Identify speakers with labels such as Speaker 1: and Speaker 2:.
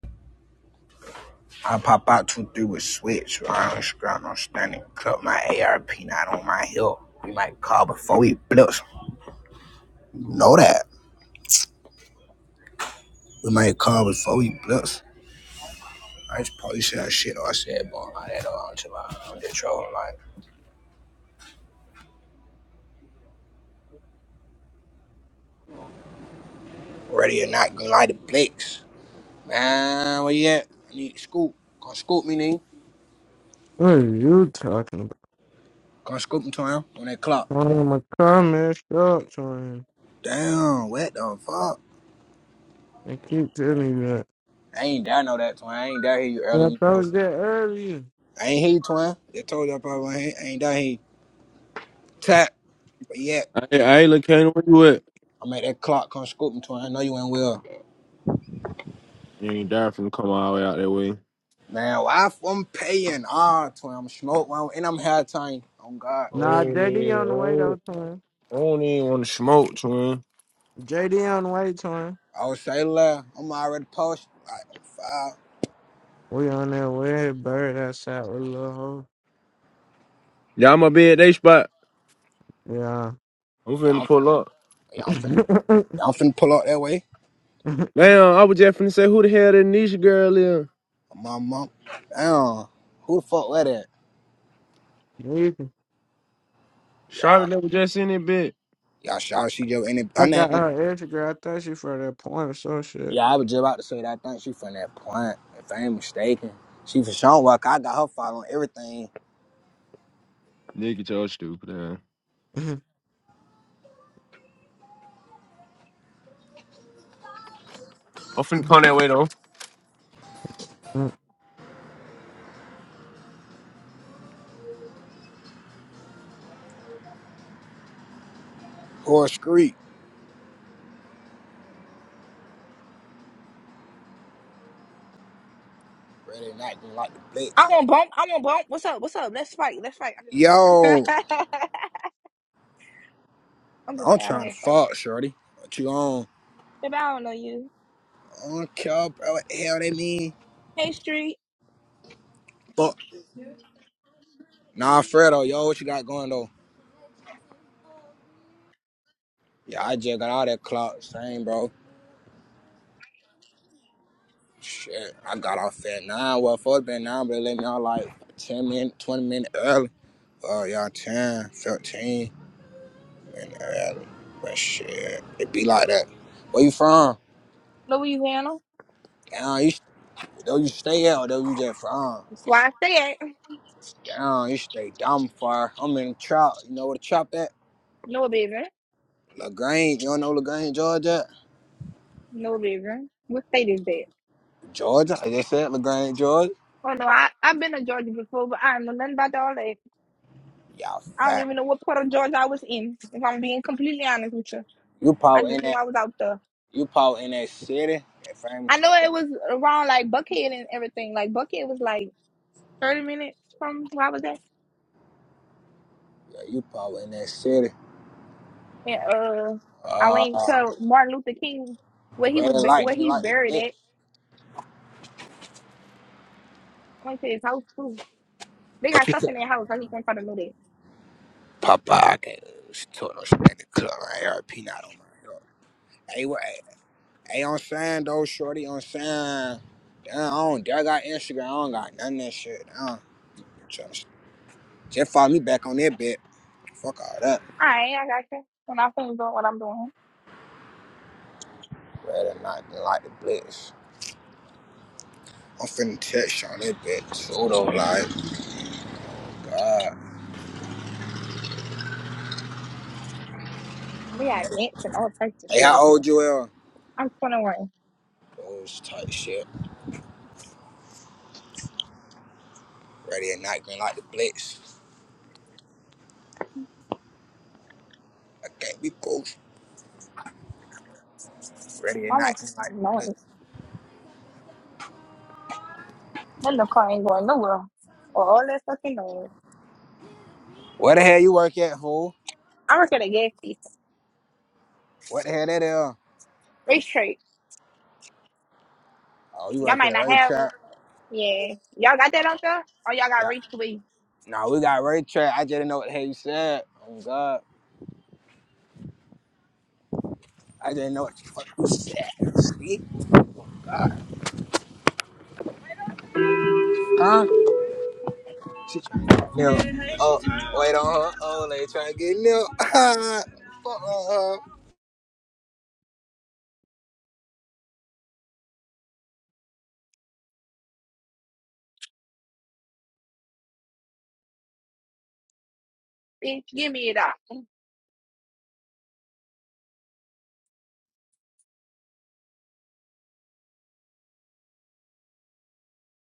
Speaker 1: I pop out two three with switch. I don't scrap no standing Cut My ARP not on my hip. We might call before we blips. Know that. We might call before we blips. I just probably said that shit or I said boy like that or to my I'm just trolling like ready or not gonna light the blicks. Man, where you at? I need scoop. Come scoop me nigga.
Speaker 2: What are you talking about?
Speaker 1: Come scoop me to him on that clock.
Speaker 2: I'm a comment short train.
Speaker 1: Damn, what the fuck?
Speaker 2: I keep telling you that.
Speaker 1: I ain't down know that twin. I ain't down here you
Speaker 2: And
Speaker 1: early.
Speaker 2: I
Speaker 1: We probably
Speaker 2: told you
Speaker 1: said
Speaker 2: that earlier.
Speaker 1: that. I ain't hear you twin. They told you I probably ain't I ain't down here. Tap. But yet,
Speaker 3: Hey, hey, Lil' Kane, where you at?
Speaker 1: I'm at that clock come scooping to I know you ain't well.
Speaker 3: You ain't dying from coming all the way out that way.
Speaker 1: Man, wife, I'm paying. Ah, to I'm smoking. and I'm high time. Oh, God.
Speaker 3: I
Speaker 2: Nah,
Speaker 3: don't
Speaker 2: JD
Speaker 3: even, I
Speaker 2: on the way though,
Speaker 3: don't,
Speaker 2: twin.
Speaker 3: I don't even want to smoke, twin.
Speaker 2: JD on the way, twin.
Speaker 1: I would say, lah, I'm already post. Like, five.
Speaker 2: We on that weird bird outside with a little
Speaker 3: Y'all my bed, they spot.
Speaker 2: hoe.
Speaker 3: I'm
Speaker 1: Yeah,
Speaker 3: finna
Speaker 1: I'm,
Speaker 3: pull up.
Speaker 1: yeah, I'm finna, yeah, I'm finna pull up that way.
Speaker 2: Yeah.
Speaker 3: Damn, I was just finna say who the hell that Nisha girl is.
Speaker 1: My mom. Damn. Who the fuck was that?
Speaker 2: You
Speaker 3: Charlotte
Speaker 1: Y'all,
Speaker 3: that was just in it, bitch.
Speaker 1: y'all sure she just in it.
Speaker 2: I
Speaker 1: Her
Speaker 2: got
Speaker 1: name.
Speaker 2: her Instagram. I thought she for that point or some shit.
Speaker 1: Yeah, I was just about to say that. I think she from that plant, if I ain't mistaken. She for sure walk. I got her following everything.
Speaker 3: Nigga, y'all stupid, huh? I'm finna come that way though.
Speaker 1: Horse Creek. Ready not acting like the
Speaker 4: I
Speaker 1: blitz.
Speaker 4: want bump. I want bump. What's up? What's up? Let's fight. Let's fight. I'm just playing.
Speaker 1: Yo.
Speaker 4: I'm just
Speaker 1: I'm
Speaker 4: playing. I don't
Speaker 1: trying to
Speaker 4: want to fight.
Speaker 1: fuck, shorty. What you on?
Speaker 4: Baby, I don't know you.
Speaker 1: I don't care, bro. What the hell they mean?
Speaker 4: Hey, Street,
Speaker 1: Fuck. Nah, Fredo, yo, what you got going though? Yeah, I just got all that clock. Same, bro. Shit, I got off at nine. Well, first been nine, but it let me out like 10 minutes, 20 minutes early. Oh, y'all 10, fifteen, and early. But shit, it be like that. Where you from?
Speaker 4: Louisiana.
Speaker 1: Down, you, though you stay out, though you just from?
Speaker 4: That's why I say it.
Speaker 1: Down, you stay down far. I'm in the trap. You know where the trap at?
Speaker 4: No baby.
Speaker 1: LaGrange, you don't know LaGrange, Georgia?
Speaker 4: No baby. What state is that?
Speaker 1: Georgia, as they said, LaGrange, Georgia.
Speaker 4: Oh no, I I've been to Georgia before, but I don't know nothing about all that.
Speaker 1: Y'all
Speaker 4: I don't
Speaker 1: fat.
Speaker 4: even know what part of Georgia I was in. If I'm being completely honest with you,
Speaker 1: You
Speaker 4: I
Speaker 1: probably
Speaker 4: just
Speaker 1: in
Speaker 4: knew
Speaker 1: that.
Speaker 4: I was out there.
Speaker 1: You probably in that city. That
Speaker 4: I
Speaker 1: famous.
Speaker 4: know
Speaker 1: Yeah,
Speaker 4: it was around like Buckhead and everything. Like Buckhead was like 30 minutes from where I was at.
Speaker 1: you probably in that city.
Speaker 4: and uh, I went
Speaker 1: Uh,
Speaker 4: to Martin Luther King, where he was,
Speaker 1: really
Speaker 4: bu- where
Speaker 1: like me
Speaker 4: he's
Speaker 1: like the
Speaker 4: buried
Speaker 1: bitch.
Speaker 4: at. I went to his house too. They
Speaker 1: What
Speaker 4: got
Speaker 1: you
Speaker 4: stuff
Speaker 1: said?
Speaker 4: in their house. I just want y'all to know that.
Speaker 1: Papa, I can't talk no shit at the club. Right? RP not on my hill. Hey, what? Hey, hey, on sign though, shorty on sign. Damn, I don't. I got Instagram. I don't got none of that shit. Damn. Just, just follow me back on that bit. Fuck all that.
Speaker 4: All right, I got you. When I finish doing what I'm doing,
Speaker 1: Rather not me, like the bitch. I'm finna text you on that bitch. Hold on, like, God.
Speaker 4: they got nets and all types of
Speaker 1: Hey,
Speaker 4: shit up
Speaker 1: how
Speaker 4: here.
Speaker 1: old you are?
Speaker 4: I'm 21.
Speaker 1: Those type shit. Ready and acting like the blitz. I can't be coached. Ready and
Speaker 4: All that
Speaker 1: acting like
Speaker 4: shit
Speaker 1: the blitz.
Speaker 4: noise. That little car ain't going nowhere. Or all that fucking noise.
Speaker 1: Where the hell you work at, fool?
Speaker 4: I work at a gas station.
Speaker 1: What the hell that is?
Speaker 4: Reach straight.
Speaker 1: Oh, you
Speaker 4: Y'all
Speaker 1: work
Speaker 4: might
Speaker 1: at
Speaker 4: not
Speaker 1: Ray
Speaker 4: have it.
Speaker 1: Trap?
Speaker 4: Yeah. Y'all got that out there? Or y'all got
Speaker 1: Yeah.
Speaker 4: reach to me?
Speaker 1: Nah, we got Ray Trap. I just didn't know what the hell you said. Oh, God. I didn't know what the fuck you said. See? Huh? She trying to get nil. Oh, wait on her. Oh, they trying to get nil. fuck on her.
Speaker 4: Bitch, give me it out.